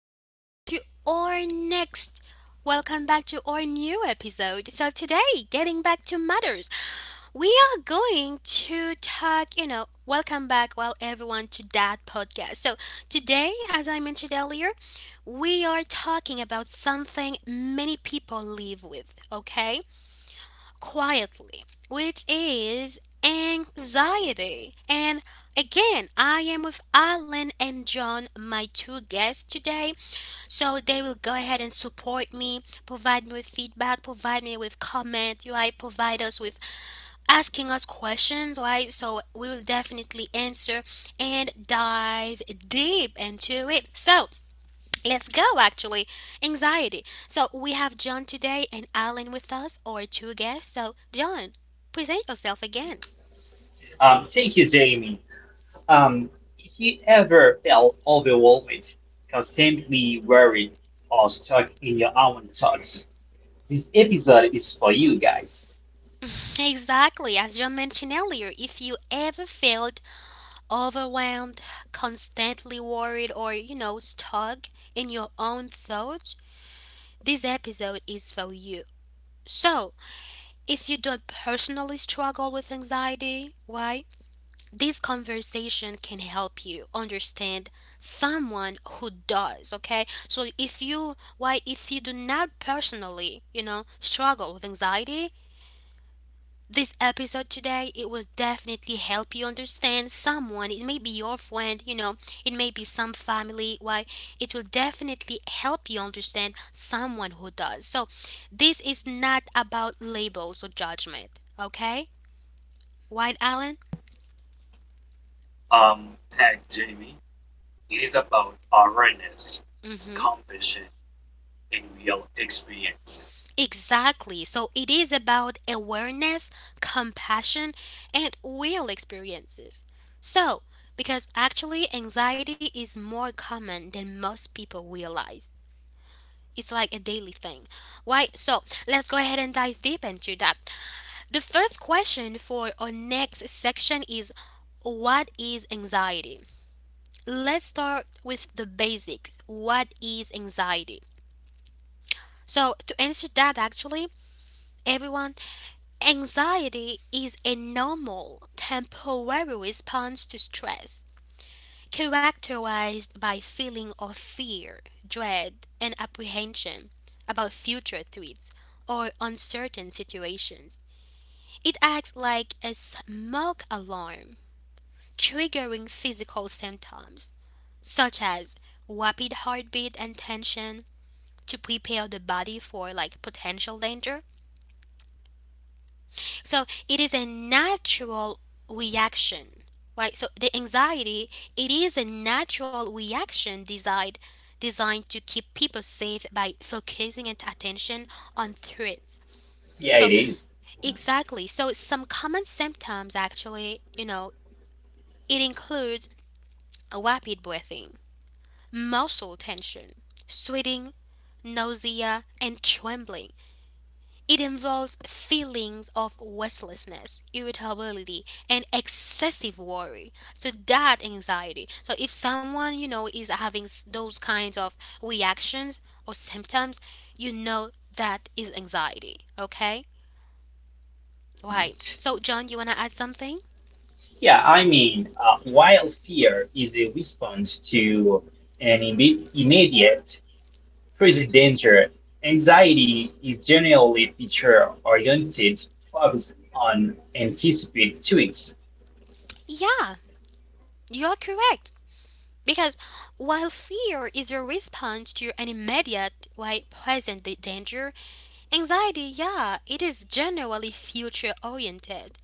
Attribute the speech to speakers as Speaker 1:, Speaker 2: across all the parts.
Speaker 1: Welcome back to our next. Welcome back to our new episode. So, today, getting back to matters, we are going to talk, welcome back, well, everyone, to that podcast. So, today, as I mentioned earlier, we are talking about something many people live with, okay? Quietly, which is anxiety. And again, I am with Alan and John, my two guests today. So they will go ahead and support me, provide me with feedback, provide me with comment, right? Provide us with asking us questions, right? So we will definitely answer and dive deep into it. So let's go, actually. Anxiety. So, we have John today and Alan with us, or two guests. So, John, present yourself again.
Speaker 2: Thank you, Jamie. Um, if you ever felt overwhelmed, constantly worried, or stuck in your own thoughts, this episode is for you guys.
Speaker 1: Exactly, as John mentioned earlier, if you ever felt overwhelmed, constantly worried, or stuck in your own thoughts, this episode is for you. So, if you don't personally struggle with anxiety, why this conversation can help you understand someone who does. Okay, so if you, why, if you do not personally, struggle with anxiety, this episode today, it will definitely help you understand someone. It may be your friend, it may be some family. Why? It will definitely help you understand someone who does. So this is not about labels or judgment. Okay, white Allen.
Speaker 3: um, tag Jamie is about awareness,
Speaker 1: Hmm.
Speaker 3: compassion, and real experience.
Speaker 1: Exactly. So it is about awareness, compassion, and real experiences. So, because actually anxiety is more common than most people realize. It's like a daily thing. Why? So, let's go ahead and dive deep into that. The first question for our next section is, what is anxiety? Let's start with the basics. What is anxiety? So, to answer that, actually, everyone, anxiety is a normal, temporary response to stress, characterized by feeling of fear, dread, and apprehension about future threats or uncertain situations. It acts like a smoke alarm, triggering physical symptoms such as rapid heartbeat and tension to prepare the body for like potential danger. So it is a natural reaction, right? So the anxiety, it is a natural reaction designed to keep people safe by focusing and attention on threats.
Speaker 2: Yeah, it
Speaker 1: So
Speaker 2: is.
Speaker 1: exactly. So some common symptoms actually, you know, it includes rapid breathing, muscle tension, sweating, nausea, and trembling. It involves feelings of restlessness, irritability, and excessive worry. So that anxiety. So if someone you know is having those kinds of reactions or symptoms, you know that is anxiety. Okay, right. So John, you wanna add something?
Speaker 2: While fear is a response to an immediate present danger, anxiety is generally feature oriented, focused on anticipate tweaks.
Speaker 1: Yeah, you're correct. Because while fear is your response to an immediate, right, present danger, anxiety, yeah, it is generally future oriented.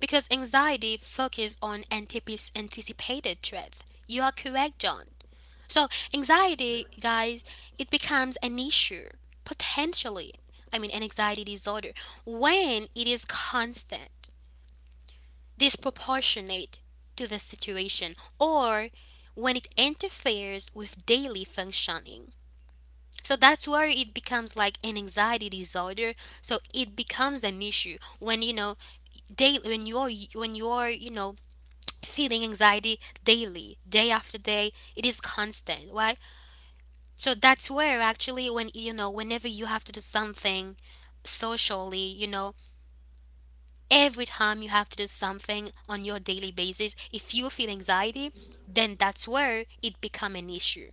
Speaker 1: Because anxiety focuses on anticipated threat. You are correct, John. So anxiety, guys, it becomes an issue potentially. I mean, an anxiety disorder when it is constant, disproportionate to the situation, or when it interferes with daily functioning. So that's where it becomes like an anxiety disorder. So it becomes an issue when you know daily when you're you know feeling anxiety daily, day after day. It is constant, right? So that's where actually, when you know, whenever you have to do something socially, you know, every time you have to do something on your daily basis, if you feel anxiety, then that's where it become an issue,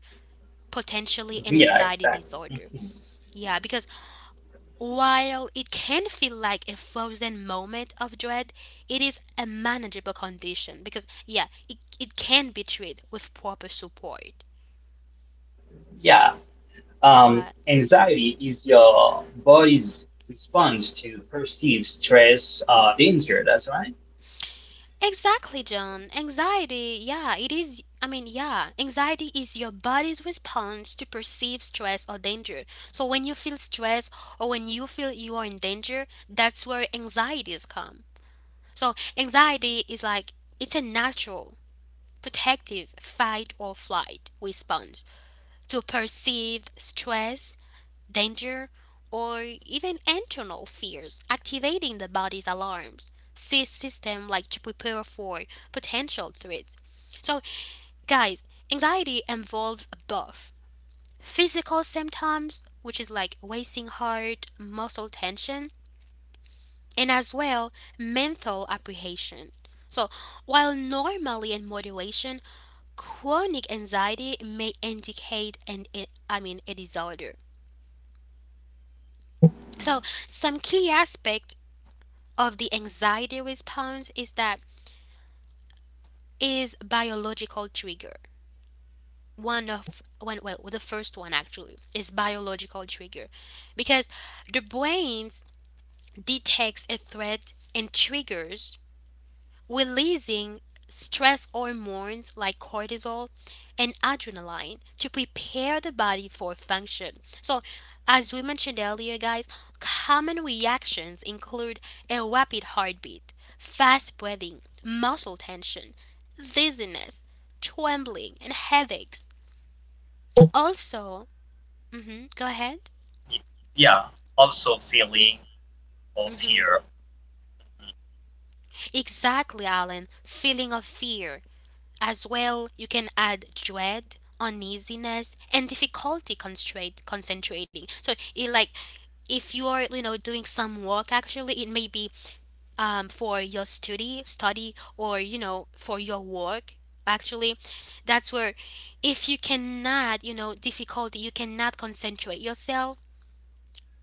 Speaker 1: potentially an
Speaker 2: Yeah,
Speaker 1: anxiety
Speaker 2: exactly.
Speaker 1: disorder.
Speaker 2: Mhm.
Speaker 1: Yeah, because while it can feel like a frozen moment of dread, it is a manageable condition because, yeah, it can be treated with proper support.
Speaker 2: Yeah,
Speaker 1: What?
Speaker 2: Anxiety is your body's response to perceived stress or danger. That's right.
Speaker 1: Exactly, John. Anxiety, yeah, it is. I mean, yeah, anxiety is your body's response to perceived stress or danger. So when you feel stress or when you feel you are in danger, that's where anxieties come. So anxiety is like it's a natural, protective fight or flight response to perceived stress, danger, or even internal fears, activating the body's alarms system like to prepare for potential threats. So, guys, anxiety involves both physical symptoms, which is like racing heart, muscle tension, and as well mental apprehension. So, while normally in moderation, chronic anxiety may indicate an, I mean a disorder.
Speaker 3: Mm-hmm.
Speaker 1: So, some key aspect of the anxiety response is that is biological trigger. One of one well, the first one actually is biological trigger because the brain detects a threat and triggers releasing stress hormones like cortisol and adrenaline to prepare the body for function. So, as we mentioned earlier, guys, common reactions include a rapid heartbeat, fast breathing, muscle tension, dizziness, trembling, and headaches. Also, mhm, go ahead.
Speaker 3: Yeah, also feeling of
Speaker 1: Mhm.
Speaker 3: fear.
Speaker 1: Exactly, Alan. Feeling of fear, as well, you can add dread, uneasiness, and difficulty concentrating. So, it, like if you are, you know, doing some work, actually, it may be for your study, or you know, for your work. Actually, that's where if you cannot, you know, difficulty, you cannot concentrate yourself.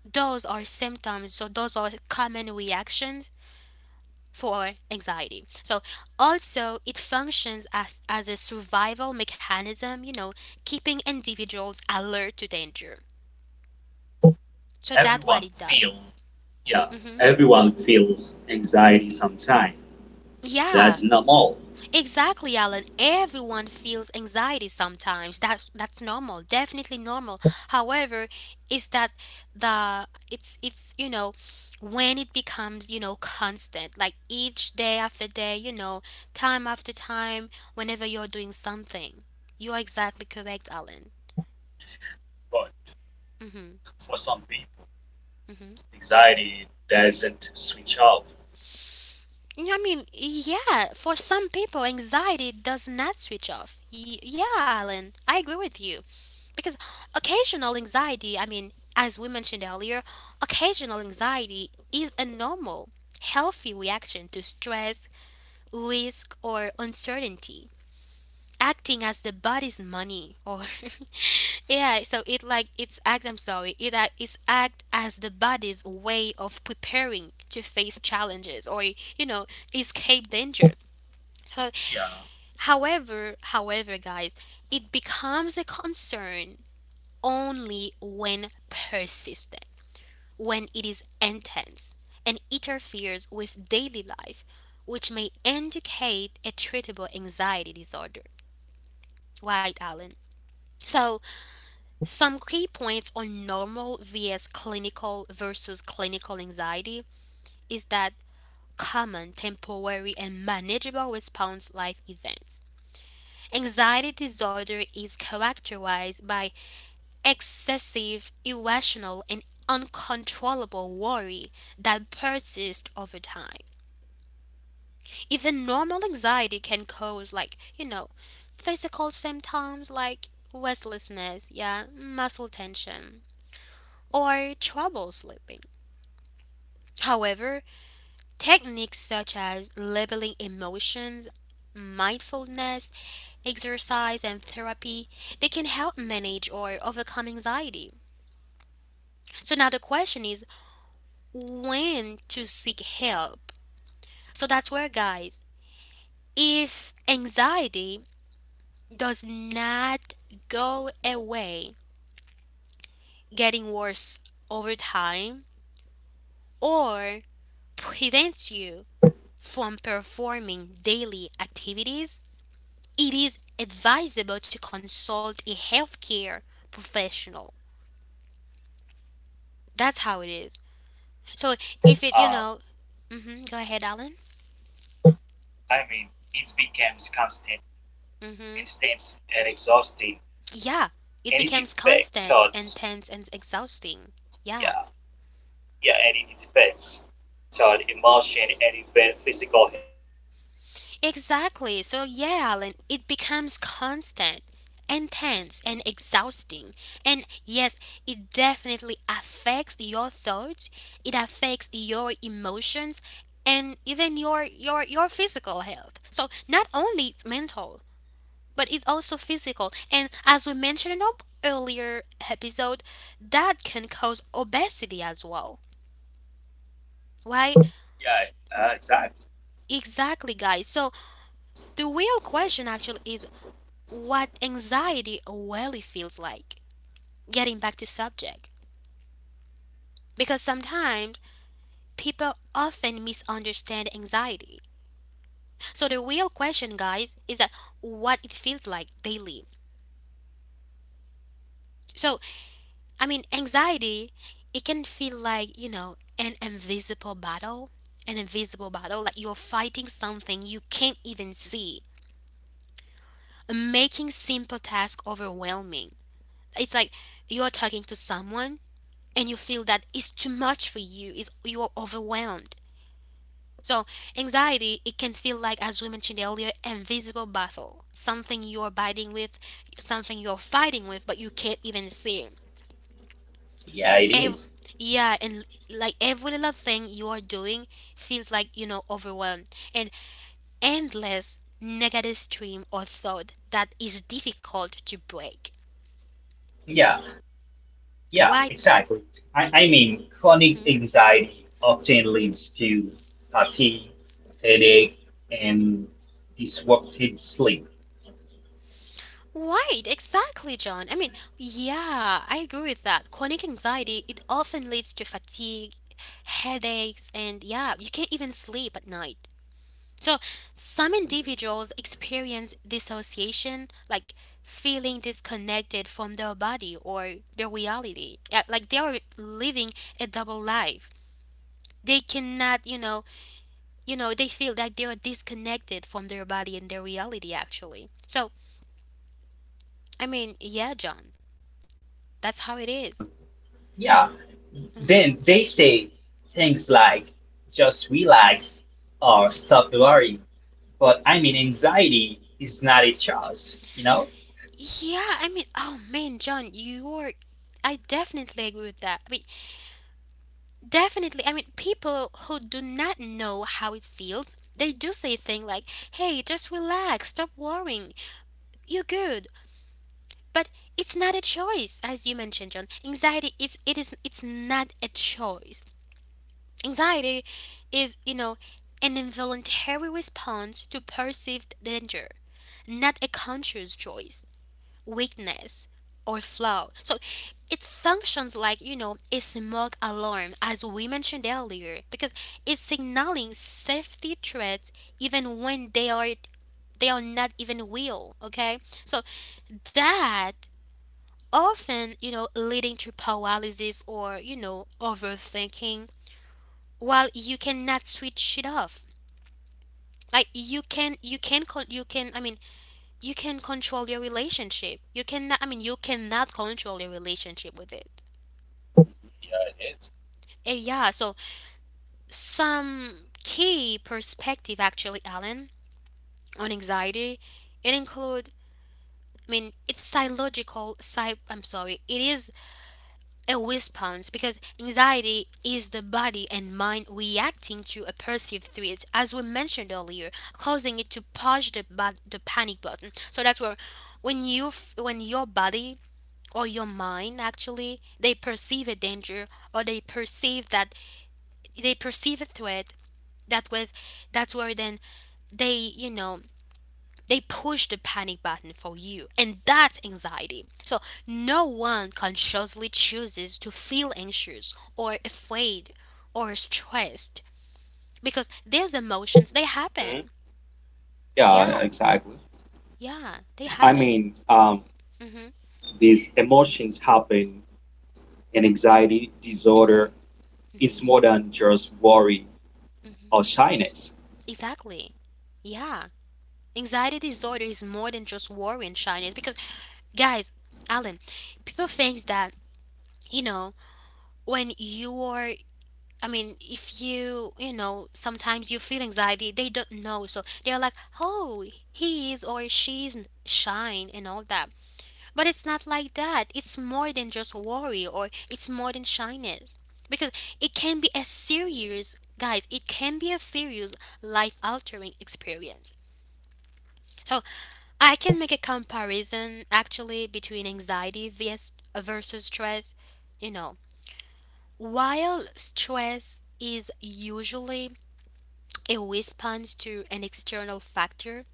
Speaker 1: Those are symptoms. So those are common reactions for anxiety. So also it functions as a survival mechanism, you know, keeping individuals alert to danger. So that's what
Speaker 3: Everyone
Speaker 1: it does.
Speaker 3: feel. Yeah,
Speaker 1: Hmm.
Speaker 3: everyone feels anxiety sometimes.
Speaker 1: Yeah,
Speaker 3: That's normal.
Speaker 1: exactly, Alan. Everyone feels anxiety sometimes. That's normal, definitely normal. However, is that the it's you know when it becomes you know constant, like each day after day, you know, time after time, whenever you're doing something, you are exactly correct, Alan.
Speaker 3: But
Speaker 1: Mhm.
Speaker 3: for some people,
Speaker 1: Mhm.
Speaker 3: anxiety doesn't switch off.
Speaker 1: I mean, yeah. For some people, anxiety does not switch off. Yeah, Alan, I agree with you. Because occasional anxiety, I mean, as we mentioned earlier, occasional anxiety is a normal, healthy reaction to stress, risk, or uncertainty, acting as the body's money. Or yeah, so it like it's act. I'm sorry, it act- it's act as the body's way of preparing to face challenges or you know escape danger. So,
Speaker 3: Yeah,
Speaker 1: however, guys, it becomes a concern only when persistent, when it is intense and interferes with daily life, which may indicate a treatable anxiety disorder. Right, Alan? So, some key points on normal vs clinical versus clinical anxiety is that common, temporary, and manageable response life events. Anxiety disorder is characterized by excessive, irrational, and uncontrollable worry that persists over time. Even normal anxiety can cause, like, you know, physical symptoms like restlessness, yeah, muscle tension, or trouble sleeping. However, techniques such as labeling emotions, mindfulness, exercise, and therapy, they can help manage or overcome anxiety. So now the question is, when to seek help. So that's where, guys, if anxiety does not go away, getting worse over time, or prevents you from performing daily activities, it is advisable to consult a healthcare professional. That's how it is. So if it, you
Speaker 3: uh,
Speaker 1: know, hmm, go ahead, Alan.
Speaker 3: I mean it becomes constant,
Speaker 1: Mm-hmm.
Speaker 3: intense, and exhausting,
Speaker 1: Yeah, it
Speaker 3: and it
Speaker 1: becomes constant,
Speaker 3: affects
Speaker 1: intense, and exhausting. Yeah,
Speaker 3: yeah yeah, any defense, child emotion, and even physical.
Speaker 1: exactly. So, yeah, Alan, it becomes constant, intense, and exhausting. And yes, it definitely affects your thoughts, it affects your emotions, and even your physical health. So, not only it's mental, but it's also physical. And as we mentioned in our earlier episode, that can cause obesity as well. Why?
Speaker 3: Yeah, exactly.
Speaker 1: Exactly, guys. So the real question actually is what anxiety really feels like. Getting back to subject, because sometimes people often misunderstand anxiety. So the real question, guys, is that what it feels like daily. So I mean, anxiety, it can feel like you know an invisible battle, like you're fighting something you can't even see, making simple tasks overwhelming. It's like you are talking to someone and you feel that it's too much for you is you are overwhelmed. So anxiety, it can feel like as we mentioned earlier invisible battle, something you're fighting with, something you're fighting with but you can't even see.
Speaker 2: Yeah, it
Speaker 1: Ev-
Speaker 2: is.
Speaker 1: yeah, and like every little thing you are doing feels like you know overwhelmed and endless negative stream or thought that is difficult to break.
Speaker 2: Yeah, yeah,
Speaker 1: Why?
Speaker 2: exactly. Chronic anxiety often leads to fatigue, headache, and disrupted sleep.
Speaker 1: Right, exactly, John. I mean, yeah, I agree with that. Chronic anxiety, it often leads to fatigue, headaches, and yeah, you can't even sleep at night. So, some individuals experience dissociation, like feeling disconnected from their body or their reality. Yeah, like they are living a double life. They cannot, you know, they feel that they are disconnected from their body and their reality actually. So, I mean, yeah, John, that's how it is.
Speaker 2: Um, yeah,
Speaker 1: Uh-huh.
Speaker 2: then they say things like just relax or stop worrying. Anxiety is not a choice, you know?
Speaker 1: Yeah, I mean, oh man, John, you're. I definitely agree with that. I mean, definitely. I mean, people who do not know how it feels, they do say things like, hey, just relax, stop worrying, you're good. But it's not a choice, as you mentioned, John. Anxiety is it is it's not a choice. Anxiety is, you know, an involuntary response to perceived danger, not a conscious choice. Weakness, or flaw. So it functions like, you know, a smoke alarm, as we mentioned earlier, because it's signaling safety threats even when they are not even real. Okay, so that often, leading to paralysis, or overthinking, while you cannot switch it off. Like you can call you can I mean you can control your relationship. You cannot, I mean, you cannot control your relationship with it.
Speaker 3: Yeah, it is.
Speaker 1: Yeah, so some key perspective actually, Alan, on anxiety. it include, I mean, it's psychological, I'm sorry, it is a response, because anxiety is the body and mind reacting to a perceived threat, as we mentioned earlier, causing it to push the panic button. So that's where, when when your body or your mind actually, they perceive a danger, or they perceive a threat, that was that's where then they, they push the panic button for you, and that's anxiety. So no one consciously chooses to feel anxious or afraid or stressed, because these emotions, they
Speaker 3: Mm-hmm.
Speaker 1: happen.
Speaker 3: Yeah,
Speaker 1: Yeah,
Speaker 3: exactly.
Speaker 1: yeah, they
Speaker 3: I
Speaker 1: happen.
Speaker 3: mean,
Speaker 1: Hmm.
Speaker 3: these emotions happen, and anxiety disorder is more than just worry or shyness.
Speaker 1: Exactly. Yeah. Anxiety disorder is more than just worry and shyness, because, guys, Alan, people thinks that, you know when you are I mean, if you, you know sometimes you feel anxiety, they don't know, so they're like, oh, he is or she's shine and all that. But it's not like that. It's more than just worry, or it's more than shyness, because it can be a serious, guys, it can be a serious, life altering experience. So I can make a comparison actually between anxiety vs versus stress. You know, while stress is usually a response to an external factor,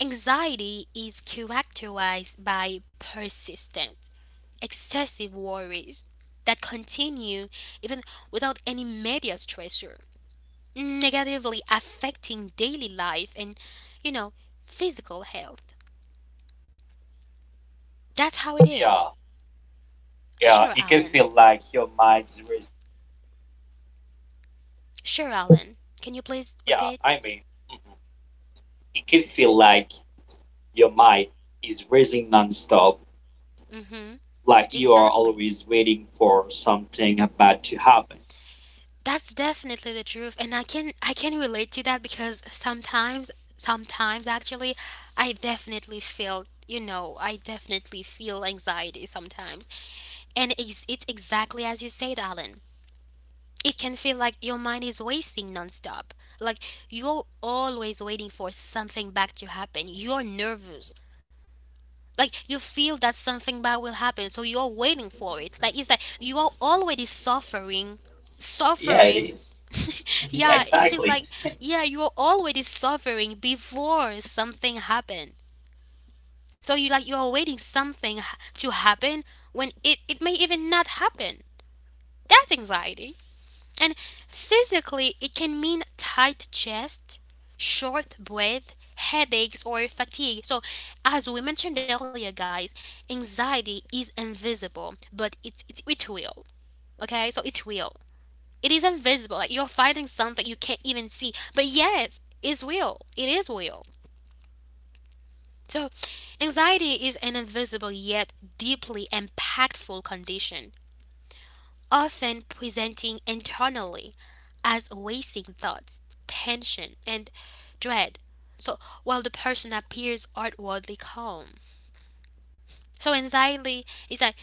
Speaker 1: anxiety is characterized by persistent, excessive worries that continue even without any major stressor, negatively affecting daily life and, you know, physical health. That's how it is.
Speaker 3: Yeah, yeah,
Speaker 1: Sure,
Speaker 3: it can
Speaker 1: Alan.
Speaker 3: feel like your mind's is
Speaker 1: Sure, Alan. Can you please
Speaker 3: Yeah,
Speaker 1: repeat?
Speaker 3: I mean, mhm. it can feel like your mind is racing nonstop,
Speaker 1: Mm-hmm.
Speaker 3: like you are
Speaker 1: Exactly.
Speaker 3: always waiting for something bad to happen.
Speaker 1: That's definitely the truth, and I can relate to that, because sometimes actually, I definitely feel anxiety sometimes, and it's exactly as you said, Alan. It can feel like your mind is racing nonstop. Like you're always waiting for something bad to happen. You're nervous. Like you feel that something bad will happen, so you're waiting for it, like it's like you are already suffering
Speaker 2: Yeah, it
Speaker 1: suffering
Speaker 2: is. Yeah,
Speaker 1: Yeah, it feels
Speaker 2: exactly.
Speaker 1: like, yeah, you're already suffering before something happened. So you, like, you're waiting to happen, when it may even not happen. That's anxiety. And physically, it can mean tight chest, short breath, headaches, or fatigue. So, as we mentioned earlier, guys, anxiety is invisible, but it's it will. Okay, so it's real. It is invisible. Like you're fighting something you can't even see, but yes, it's real. It is real. So anxiety is an invisible yet deeply impactful condition, often presenting internally as wasting thoughts, tension, and dread. So while the person appears outwardly calm. So anxiety is like,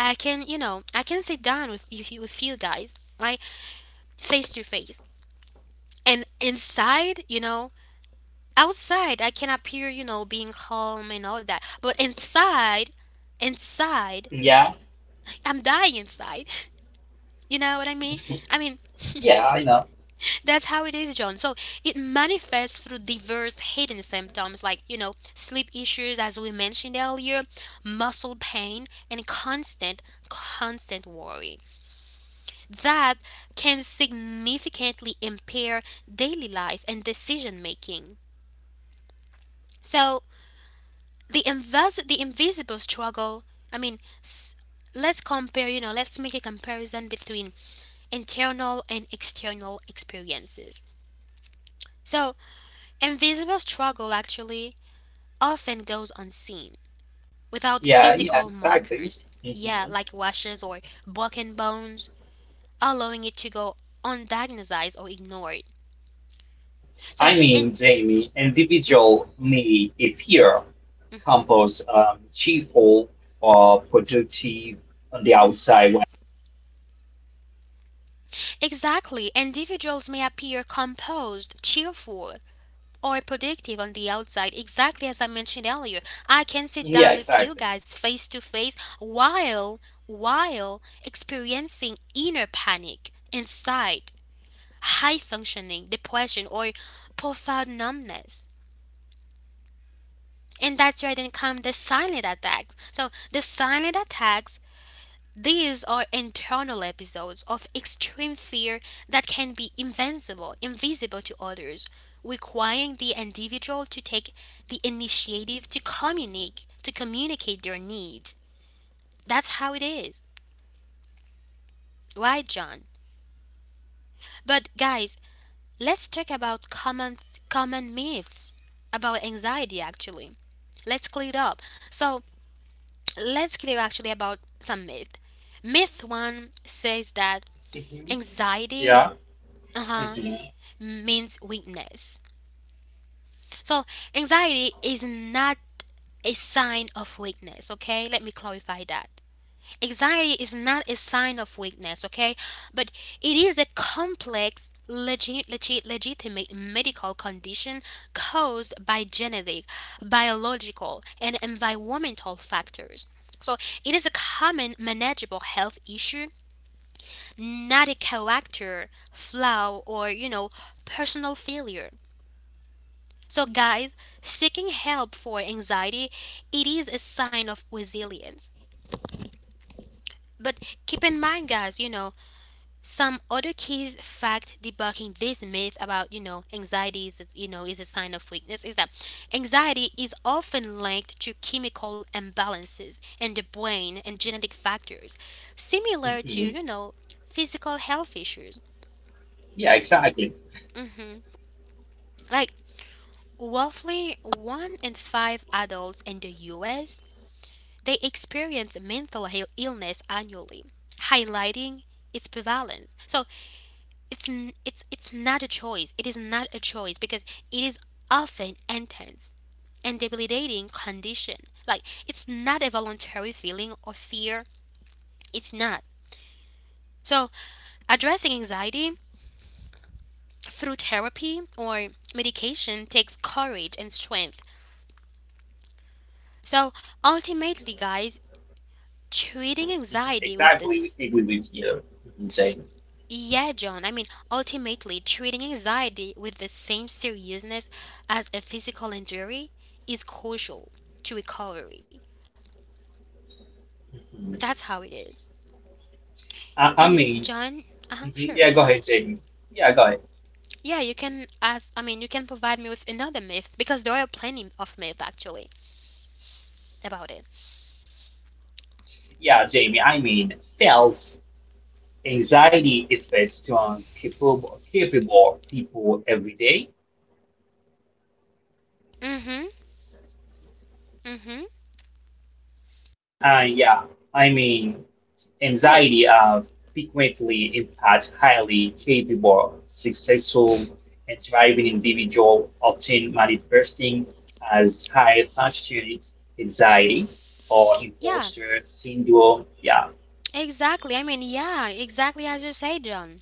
Speaker 1: I can, you know, I can sit down with you guys, like, face to face. And inside, you know, outside I can appear, you know, being calm and all that. But inside
Speaker 2: Yeah,
Speaker 1: I'm dying inside. You know what I mean? I mean,
Speaker 2: yeah, I know.
Speaker 1: that's how it is, John. So it manifests through diverse hidden symptoms like, you know, sleep issues, as we mentioned earlier, muscle pain, and constant worry that can significantly impair daily life and decision making. So the invisible struggle, I mean, let's compare, you know, let's make a comparison between internal and external experiences. So invisible struggle actually often goes unseen, without
Speaker 2: Yeah,
Speaker 1: physical
Speaker 2: exactly.
Speaker 1: markers. Yeah,
Speaker 2: hmm
Speaker 1: like washes or broken bones, allowing it to go undiagnosed or ignored. So, in,
Speaker 2: Jamie, individual may appear
Speaker 1: mhm.
Speaker 2: composed, cheerful, or productive on the outside.
Speaker 1: exactly, individuals may appear composed, cheerful, or productive on the outside, exactly as I mentioned earlier. I can sit
Speaker 2: Yeah,
Speaker 1: down with you
Speaker 2: exactly.
Speaker 1: guys face to face, while experiencing inner panic inside, high functioning depression, or profound numbness. And that's where then come the silent attacks. So the silent attacks, these are internal episodes of extreme fear that can be invisible to others, requiring the individual to take the initiative to communicate their needs. That's how it is. Right, John? But, guys, let's talk about common myths about anxiety actually. Let's clear it up. So let's clear actually about some myth. Myth 1 says that
Speaker 2: hmm
Speaker 1: anxiety,
Speaker 2: Yeah.
Speaker 1: uh-huh,
Speaker 2: hmm
Speaker 1: means weakness. So anxiety is not a sign of weakness, okay? Let me clarify that. Anxiety is not a sign of weakness, okay? But it is a complex, legitimate medical condition caused by genetic, biological, and environmental factors. So it is a common manageable health issue, not a character flaw or, you know, personal failure. So, guys, seeking help for anxiety, it is a sign of resilience. But keep in mind, guys, you know, some other keys fact debunking this myth about, you know, anxiety is a sign of weakness is that anxiety is often linked to chemical imbalances in the brain and genetic factors, similar to,
Speaker 2: hmm
Speaker 1: you know, physical health issues.
Speaker 2: Yeah, exactly.
Speaker 1: Like roughly one in five adults in the US, they experience mental health illness annually, highlighting its prevalence. So it's not a choice. It is not a choice, because it is often intense and debilitating condition. Like it's not a voluntary feeling or fear. It's not. So addressing anxiety through therapy or medication takes courage and strength. So, ultimately, guys, treating
Speaker 2: Mhm.
Speaker 1: anxiety with
Speaker 2: Exactly.
Speaker 1: this.
Speaker 2: We agree with you, mhm, Jamie.
Speaker 1: Yeah, John. I mean, ultimately, treating anxiety with the same seriousness as a physical injury is crucial to recovery.
Speaker 2: Mhm.
Speaker 1: That's how it is.
Speaker 2: I, I
Speaker 1: And,
Speaker 2: mean,
Speaker 1: John, uh-huh,
Speaker 2: mhm,
Speaker 1: sure.
Speaker 2: yeah, go ahead, Jamie. Yeah, go ahead.
Speaker 1: Yeah, you can ask, I mean, you can provide me with another myth, because there are plenty of myths actually about it.
Speaker 2: Yeah, Jamie, I mean, fails. Anxiety affects to on capable people every day.
Speaker 1: Mm-hmm. Mm-hmm.
Speaker 2: And I mean
Speaker 1: Right.
Speaker 2: anxiety frequently impacts highly capable, successful, and thriving individual, often manifesting as high functioning anxiety or
Speaker 1: Yeah,
Speaker 2: imposter syndrome. Yeah.
Speaker 1: exactly. I mean, yeah, exactly as you say, John.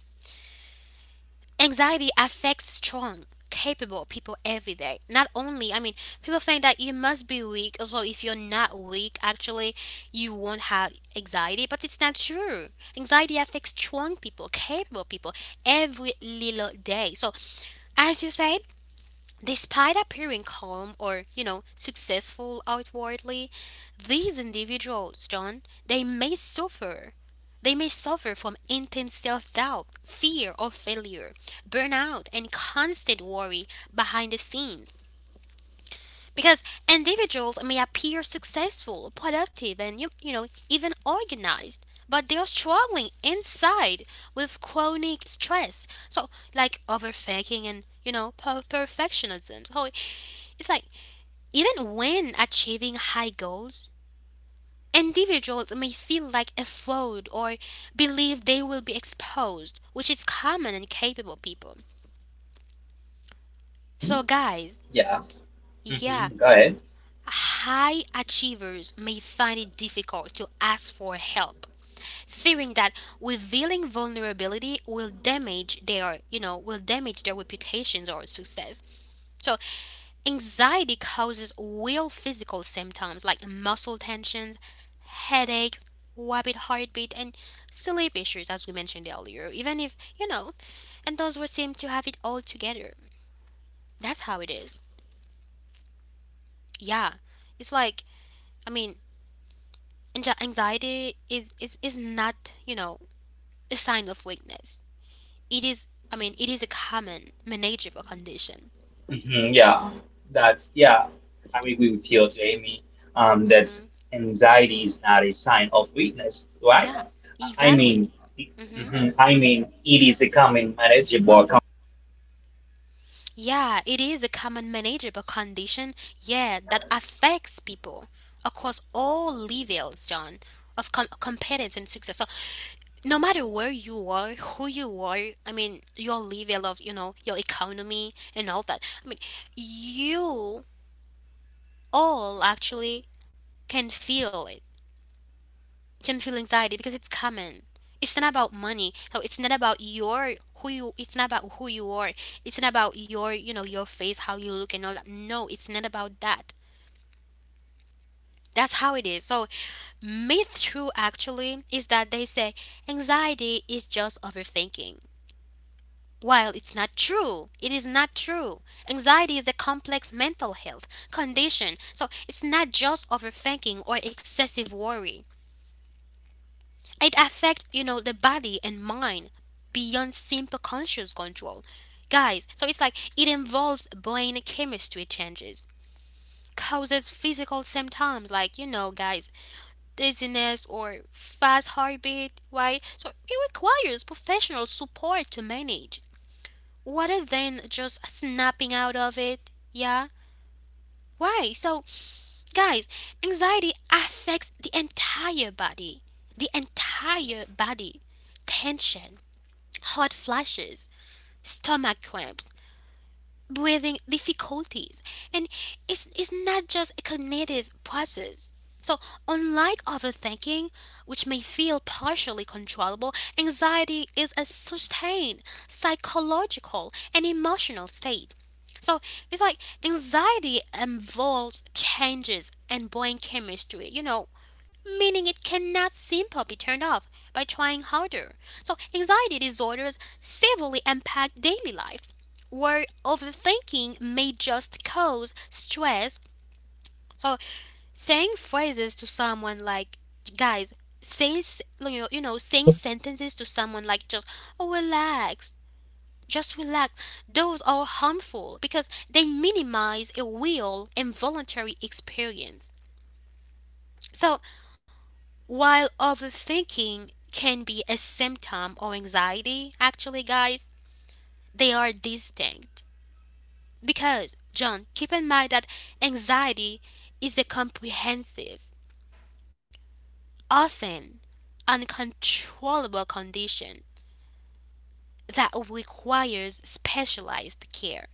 Speaker 1: Anxiety affects strong, capable people every day. Not only, I mean, people think that you must be weak. Also, if you're not weak, actually, you won't have anxiety, but it's not true. Anxiety affects strong people, capable people every little day. So, as you said, despite appearing calm or, you know, successful outwardly, these individuals, John, they may suffer. They may suffer from intense self doubt, fear of failure, burnout, and constant worry behind the scenes. Because individuals may appear successful, productive, and, you know, even organized, but they are struggling inside with chronic stress. So, like, overthinking and, you know, perfectionism. So, it's like, even when achieving high goals, individuals may feel like a fraud or believe they will be exposed, which is common in capable people.
Speaker 2: Mhm.
Speaker 1: So, guys,
Speaker 2: Yeah.
Speaker 1: yeah,
Speaker 2: Go ahead.
Speaker 1: high achievers may find it difficult to ask for help, fearing that revealing vulnerability will damage their, you know, will damage their reputations or success. So anxiety causes real physical symptoms like muscle tensions, headaches, rapid heartbeat, and sleep issues, as we mentioned earlier. Even if, you know, and those who seem to have it all together. That's how it is. Yeah. It's like, I mean, anxiety is not, you know, a sign of weakness. It is, I mean, it is a common manageable condition.
Speaker 2: Mhm, yeah, that's yeah. I agree with you, Jamie. That
Speaker 1: Hmm.
Speaker 2: anxiety is not a sign of weakness, right?
Speaker 1: Yeah,
Speaker 2: I mean,
Speaker 1: exactly. Mm-hmm.
Speaker 2: mhm, I mean, it is a common manageable. Com-
Speaker 1: Yeah, it is a common manageable condition, yeah, that affects people across all levels, John, of competence and success. So, no matter where you are, who you are, I mean, your level of, you know, your economy and all that, I mean, you all actually can feel anxiety, because it's common. It's not about money. No, it's not about
Speaker 2: Mhm,
Speaker 1: your
Speaker 2: yeah, it
Speaker 1: who
Speaker 2: is.
Speaker 1: you. It's not about who you are.
Speaker 2: Mhm.
Speaker 1: It's not about your, you know, your face, how you look, and all that. No, it's not about that. That's how it is. So myth true actually is that they say anxiety is just overthinking. While it's not true, it is not true. Anxiety is a complex mental health condition. So it's not just overthinking or excessive worry. It affects, you know, the body and mind beyond simple conscious control. Guys, so it's like it involves brain chemistry changes, causes physical symptoms like, you know, guys, dizziness or fast heartbeat, right? So it requires professional support to manage, rather than just snapping out of it, yeah? Why? So, guys, anxiety affects the entire body, the entire body, tension, hot flashes, stomach cramps, breathing difficulties, and it's not just a cognitive process. So, unlike overthinking, which may feel partially controllable, anxiety is a sustained psychological and emotional state. So, it's like, anxiety involves changes in brain chemistry, you know, meaning it cannot simply be turned off by trying harder. So anxiety disorders severely impact daily life, where overthinking may just cause stress. So saying phrases to someone like,
Speaker 2: I,
Speaker 1: guys,
Speaker 2: yeah, I.
Speaker 1: saying s- you know saying sentences to someone like, just, oh, relax, just relax, those are harmful because they minimize a real and voluntary experience. So while overthinking can be a symptom of anxiety, actually, guys, they are distinct. Because, John, keep in mind that anxiety is a comprehensive, often uncontrollable condition that requires specialized care.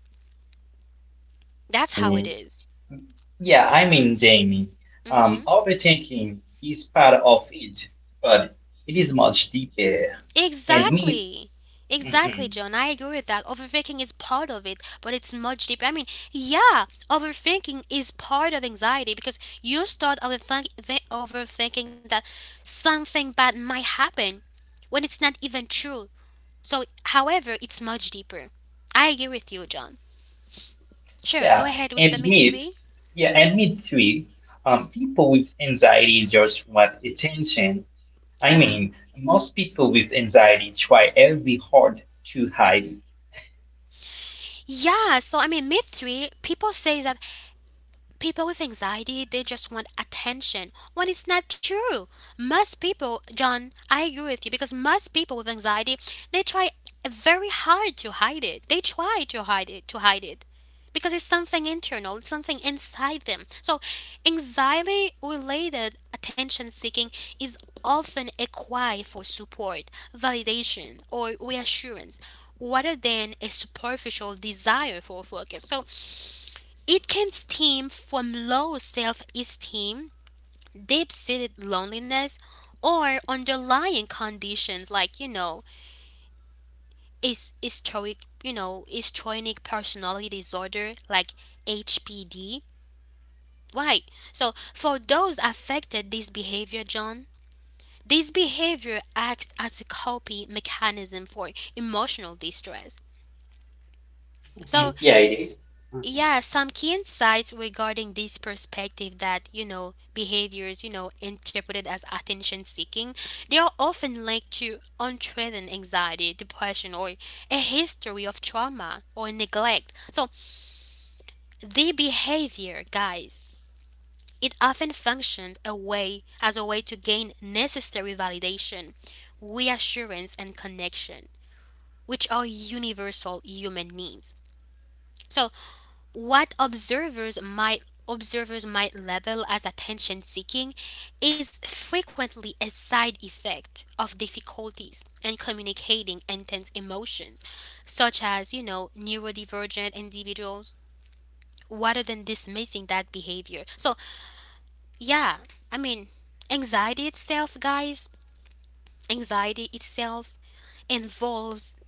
Speaker 1: That's how it
Speaker 2: Mhm.
Speaker 1: is.
Speaker 2: Mhm. Jamie.
Speaker 1: Mm-hmm.
Speaker 2: Overthinking is part of it, but it is much deeper and means.
Speaker 1: Exactly. Exactly,
Speaker 2: Mm-hmm,
Speaker 1: John. I agree with that. Overthinking is part of it, but it's much deeper. Overthinking is part of anxiety because you start overthinking that something bad might happen when it's not even true. So, however, it's much deeper. I agree with you, John. Sure, go
Speaker 2: Yeah,
Speaker 1: ahead with
Speaker 2: and
Speaker 1: the myth
Speaker 2: myth,
Speaker 1: three.
Speaker 2: yeah, and myth three, people with anxiety just want attention. I mean, most people with anxiety try every hard to hide it.
Speaker 1: Myth three, people say that people with anxiety, they just want attention when it's not true. Most people, John, I agree with you because most people with anxiety, they try very hard to hide it. They try to hide it because it's something internal, it's something inside them. So, anxiety related attention seeking is often a cry for support, validation, or reassurance rather than a superficial desire for focus. So, it can stem from low self esteem, deep seated loneliness, or underlying conditions like, is historic, you know, histrionic personality disorder like HPD. Right. So for those affected this behavior, John, this behavior acts as a coping mechanism for emotional distress. So
Speaker 2: Mhm, Yeah, it is. Mhm.
Speaker 1: Yeah, some key insights regarding this perspective that, you know, behaviors, you know, interpreted as attention seeking, they are often linked to untreated anxiety, depression, or a history of trauma or neglect. So, the behavior, guys, it often functions a way as a way to gain necessary validation, reassurance, and connection, which are universal human needs. So, What observers might label as attention seeking is frequently a side effect of difficulties in communicating intense emotions such as, you know, neurodivergent individuals rather than dismissing that behavior. Yeah i mean anxiety itself guys anxiety itself involves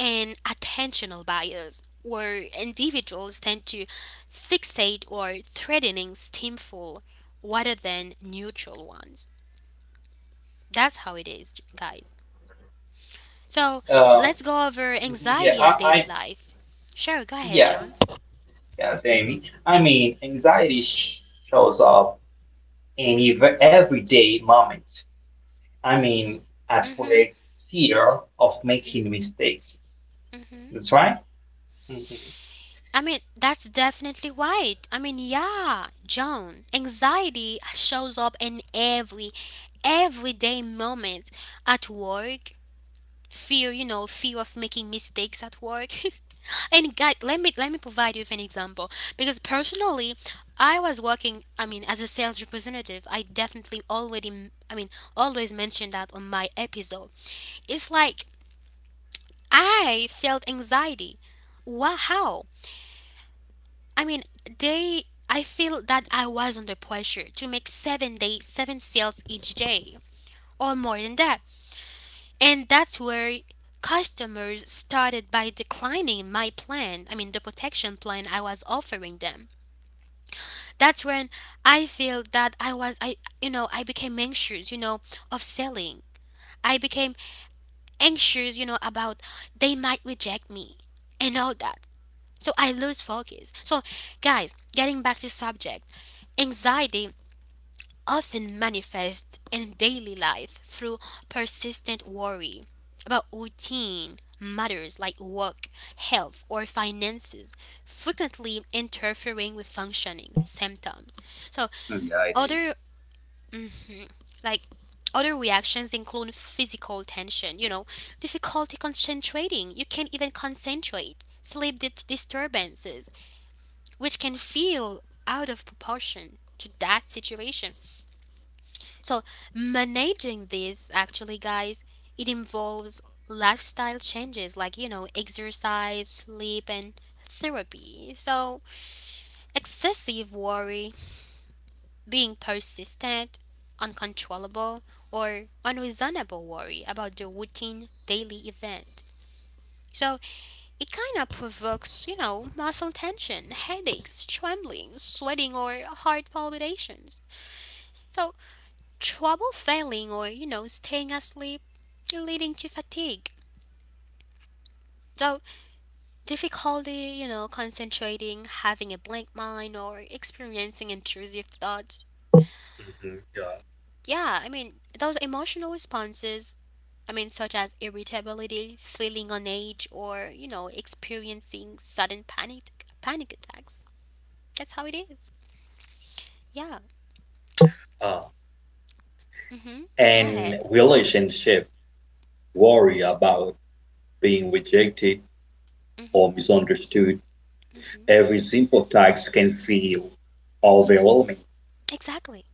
Speaker 1: and attentional bias, where individuals tend to fixate or threatening stimful rather than neutral ones. That's how it is, guys. So
Speaker 2: Uh,
Speaker 1: let's go over
Speaker 2: mhm, yeah,
Speaker 1: anxiety
Speaker 2: I,
Speaker 1: and
Speaker 2: I,
Speaker 1: daily life. Sure, go ahead,
Speaker 2: yeah,
Speaker 1: John.
Speaker 2: yeah, Amy. Anxiety shows up in everyday moments. I mean, at
Speaker 1: Mm-hmm.
Speaker 2: work, fear of making mistakes. That's right. Mhm.
Speaker 1: That's definitely right. John, anxiety shows up in everyday moment at work, fear you know fear of making mistakes at work. And guys, let me provide you with an example, because personally, I was working, as a sales representative. I definitely already, mean always mentioned that on my episode. It's like I felt anxiety. Wow how I mean they I feel that I was under pressure to make seven sales each day or more than that. And that's where customers started by declining my plan, I mean, the protection plan I was offering them. That's when I feel that you know, I became anxious, you know, of selling. I became anxious, you know, about they might reject me and all that. So I lose focus. So, guys, getting back to subject, anxiety often manifest in daily life through persistent worry about routine matters like work, health, or finances, frequently interfering with functioning symptom. So,
Speaker 3: Mm, yeah, it is.
Speaker 1: other like other reactions include physical tension, you know, difficulty concentrating, you can't even concentrate, disturbances, which can feel out of proportion to that situation. So, managing this actually, guys, it involves lifestyle changes like, you know, exercise, sleep, and therapy. So, excessive worry, being persistent, uncontrollable, or unreasonable worry about the routine daily event. So, it kind of provokes, you know, muscle tension, headaches, trembling, sweating, or heart palpitations. So, trouble failing or, you know, staying asleep, leading to fatigue. So difficulty, you know, concentrating, having a blank mind, or experiencing intrusive thoughts.
Speaker 3: Mhm.
Speaker 1: Those emotional responses, such as irritability, feeling on edge, or, you know, experiencing sudden panic attacks. That's how it is. Yeah,
Speaker 3: Uh,
Speaker 1: mm-hmm, go
Speaker 3: and
Speaker 1: ahead.
Speaker 3: relationship worry about being rejected
Speaker 1: Mm-hmm.
Speaker 3: or misunderstood.
Speaker 1: Mm-hmm.
Speaker 3: Every simple task can feel overwhelming.
Speaker 1: Exactly.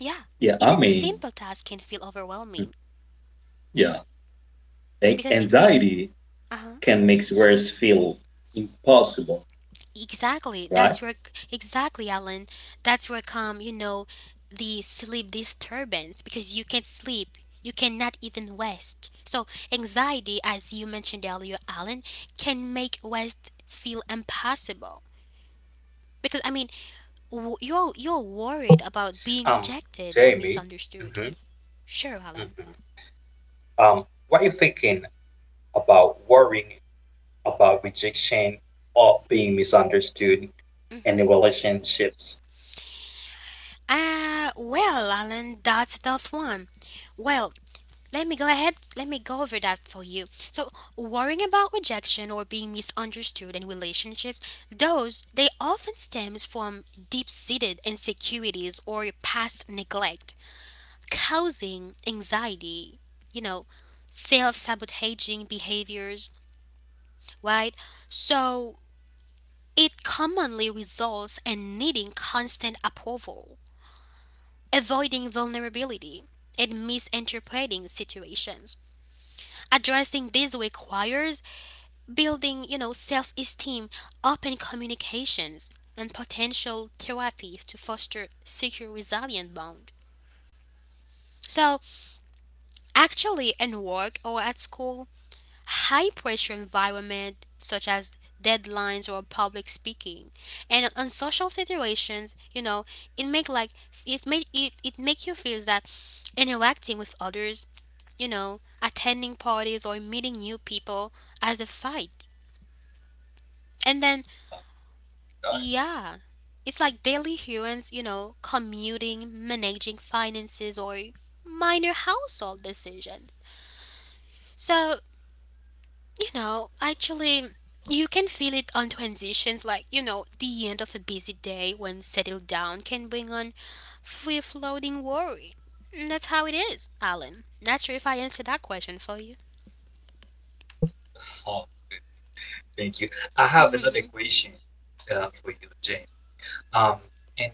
Speaker 1: Yeah,
Speaker 3: Yeah, I
Speaker 1: even
Speaker 3: mean,
Speaker 1: simple tasks can feel
Speaker 3: mm,
Speaker 1: overwhelming
Speaker 3: yeah,
Speaker 1: because you,
Speaker 3: anxiety
Speaker 1: uh-huh.
Speaker 3: can make worse feel impossible,
Speaker 1: Exactly.
Speaker 3: right?
Speaker 1: That's where exactly, Alan. That's where come, you know, the sleep disturbance because you can't sleep. You cannot even rest. So anxiety, as you mentioned earlier, Alan, can make rest feel impossible. Because, you're worried about being
Speaker 3: Um,
Speaker 1: rejected or
Speaker 3: Jamie,
Speaker 1: misunderstood.
Speaker 3: hmm
Speaker 1: Sure, Alan.
Speaker 3: hmm what are you thinking about worrying about rejection or being misunderstood in the relationships?
Speaker 1: Ah, well, Alan, that's a tough one. Well, let me go over that for you. So, worrying about rejection or being misunderstood in relationships, those they often stems from deep-seated insecurities or past neglect, causing anxiety, you know, self-sabotaging behaviors, right? So, it commonly results in needing constant approval, avoiding vulnerability, and misinterpreting situations. Addressing these requires building, you know, self esteem, open communications, and potential therapies to foster secure, resilient bond. So, actually, in work or at school, high pressure environment such as deadlines or public speaking, and on social situations, you know, it make like it make it, it make you feel that interacting with others, you know, attending parties or meeting new people as a fight. And then
Speaker 3: Yeah.
Speaker 1: yeah. It's like daily humans, you know, commuting, managing finances, or minor household decisions. So, you know, actually, you can feel it on transitions like, you know, the end of a busy day when settled down can bring on free floating worry. And that's how it is, Alan. Not sure if I answered that question for you.
Speaker 3: Thank you. I have another question for you, Jane. Um, and,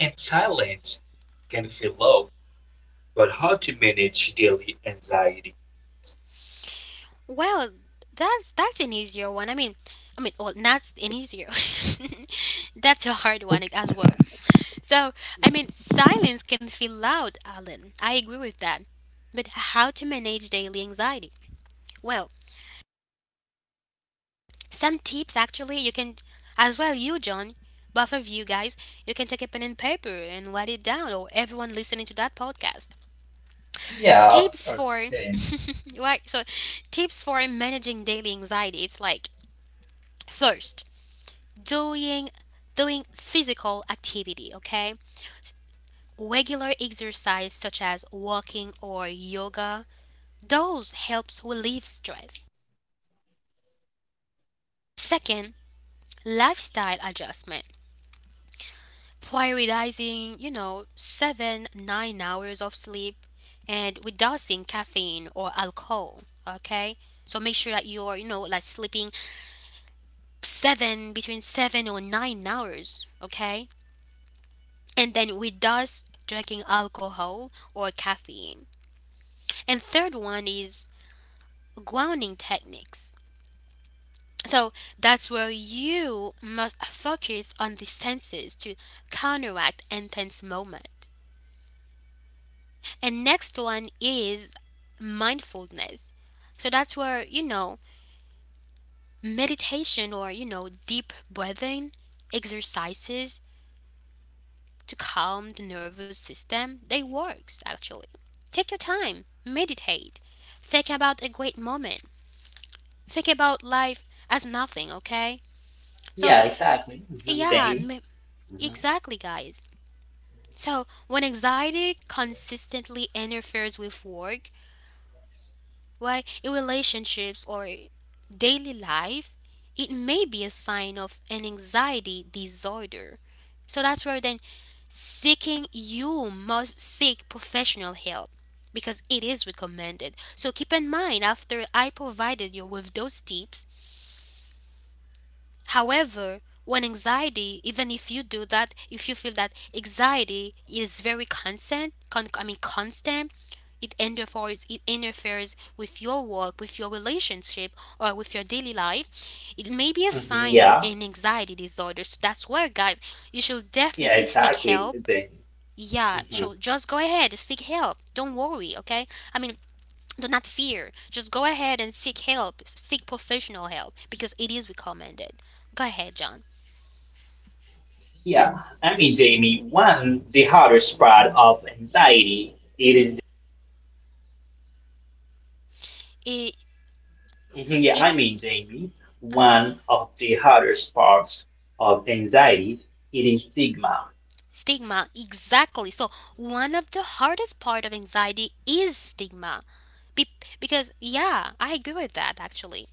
Speaker 3: and silence can feel low, but how to manage daily anxiety?
Speaker 1: Well, that's an easier one. Well, not an easier. That's a hard one as well. So, silence can feel loud, Alan. I agree with that. But how to manage daily anxiety? Well, some tips actually you can, as well you, John, both of you guys, you can take a pen and paper and write it down, or everyone listening to that podcast.
Speaker 2: Yeah, of
Speaker 1: Tips
Speaker 2: course,
Speaker 1: for,
Speaker 2: Jamie.
Speaker 1: right? So, tips for managing daily anxiety. It's like first, doing doing physical activity, okay? Regular exercise such as walking or yoga, those helps relieve stress. Second, lifestyle adjustment. Prioritizing, you know, 7 to 9 hours of sleep and reducing caffeine or alcohol, okay? So make sure that you're, you know, like sleeping 7 between 7 or 9 hours, okay? And then we does drinking alcohol or caffeine. And third one is grounding techniques. So that's where you must focus on the senses to counteract intense moment. And next one is mindfulness. So that's where, you know, meditation or, you know, deep breathing exercises to calm the nervous system, they works actually. Take your time, meditate, think about a great moment, think about life as nothing, okay? So,
Speaker 2: Yeah, exactly.
Speaker 1: yeah,
Speaker 2: Damon.
Speaker 1: m-
Speaker 2: hmm
Speaker 1: exactly, guys. So, when anxiety consistently interferes with work, right, in relationships or daily life, it may be a sign of an anxiety disorder. So that's where then seeking you must seek professional help because it is recommended. So keep in mind, after I provided you with those tips, however, when anxiety, even if you do that, if you feel that anxiety is very constant con- I mean constant, it interferes with your work, with your relationship, or with your daily life, it may be a
Speaker 2: hmm
Speaker 1: sign of
Speaker 2: Yeah,
Speaker 1: an anxiety disorder. So that's where, guys, you should
Speaker 2: yeah,
Speaker 1: definitely seek
Speaker 2: exactly.
Speaker 1: help.
Speaker 2: Jamie.
Speaker 1: Yeah,
Speaker 2: hmm
Speaker 1: so just go ahead, seek help. Don't worry, okay? I mean, do not fear. Just go ahead and seek help, seek professional help because it is recommended. Go ahead, John.
Speaker 2: Yeah, Jamie, one the hardest part of anxiety it is.
Speaker 1: It, it,
Speaker 2: Jamie,
Speaker 1: uh-huh.
Speaker 2: one of the hardest parts of anxiety it is stigma.
Speaker 1: Stigma, exactly. So, one of the hardest part of anxiety is stigma. Be- because yeah, I agree with that actually.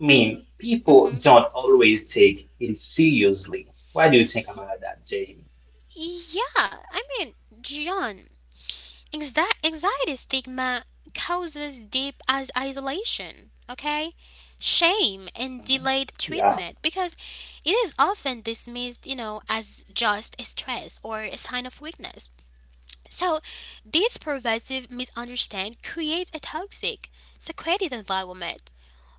Speaker 2: I mean, people
Speaker 1: Mhm.
Speaker 2: don't always take it seriously. Why do you think about that, Jamie?
Speaker 1: Yeah, I mean, John, anxiety stigma causes deep as isolation, okay? Shame and
Speaker 2: Mhm.
Speaker 1: delayed
Speaker 2: Yeah,
Speaker 1: treatment because it is often dismissed, you know, as just a stress or a sign of weakness. So, this pervasive misunderstanding creates a toxic, secretive environment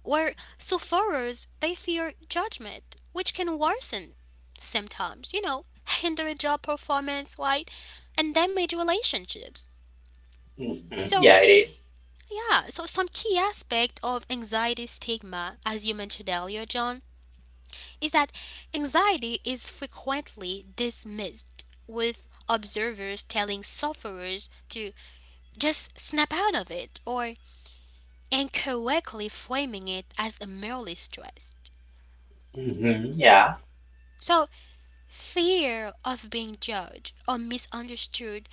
Speaker 1: where sufferers they fear judgment, which can worsen symptoms, you know, hinder job performance, right, and damage relationships.
Speaker 2: hmm
Speaker 1: So,
Speaker 2: yeah, it
Speaker 1: yeah, so some key aspect of anxiety stigma, as you mentioned earlier, John, is that anxiety is frequently dismissed, with observers telling sufferers to just snap out of it or incorrectly framing it as a merely stress.
Speaker 2: Yeah.
Speaker 1: So, fear of being judged or misunderstood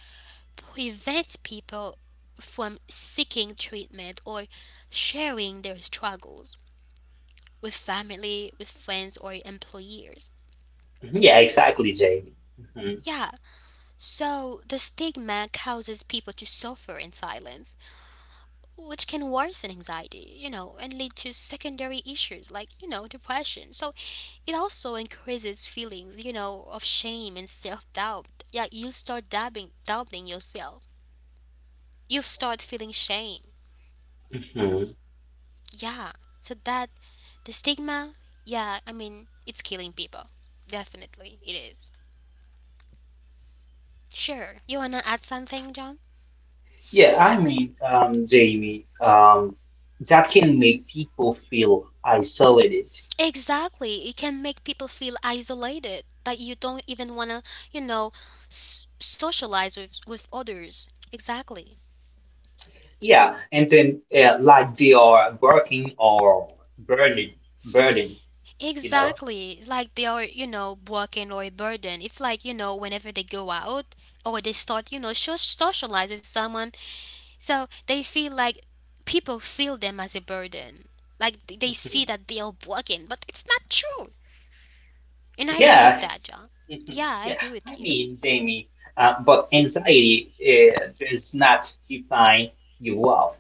Speaker 1: prevents people from seeking treatment or sharing their struggles with family, with friends, or employers.
Speaker 2: Mhm, Yeah, exactly, Jamie. hmm
Speaker 1: Yeah, so the stigma causes people to suffer in silence, which can worsen anxiety, you know, and lead to secondary issues like, you know, depression. So it also increases feelings, you know, of shame and self doubt. Yeah, you start doubting yourself. You start feeling shame.
Speaker 2: hmm
Speaker 1: Yeah, so that the stigma, it's killing people. Definitely, it is. Sure. You want to add something, John?
Speaker 2: Jamie, that can make people feel isolated.
Speaker 1: Exactly. It can make people feel isolated, that you don't even want to, you know, socialize with others. Exactly.
Speaker 2: Yeah, and then like they are working or burning, burning, you know.
Speaker 1: Exactly. It's like they are, you know, broken or a burden. It's like, you know, whenever they go out or they start, you know, socialize with someone, so they feel like people feel them as a burden. Like they see
Speaker 2: Mhm.
Speaker 1: that they are broken, but it's not true. And I agree with
Speaker 2: Yeah,
Speaker 1: that, John.
Speaker 2: mhm,
Speaker 1: Yeah, I
Speaker 2: yeah.
Speaker 1: agree with you.
Speaker 2: Jamie, but anxiety does not define you off,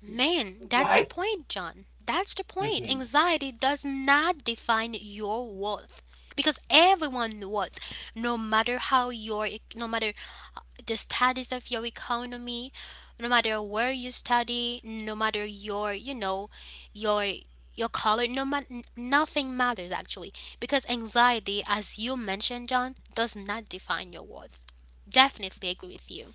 Speaker 1: Man, that's the
Speaker 2: right?
Speaker 1: point, John. That's the point. Anxiety does not define your worth because everyone worth, no matter how your, no matter uh, the status of your economy, no matter where you study, no matter your, you know, your your color, nothing matters actually because anxiety, as you mentioned, John, does not define your worth. Definitely agree with you.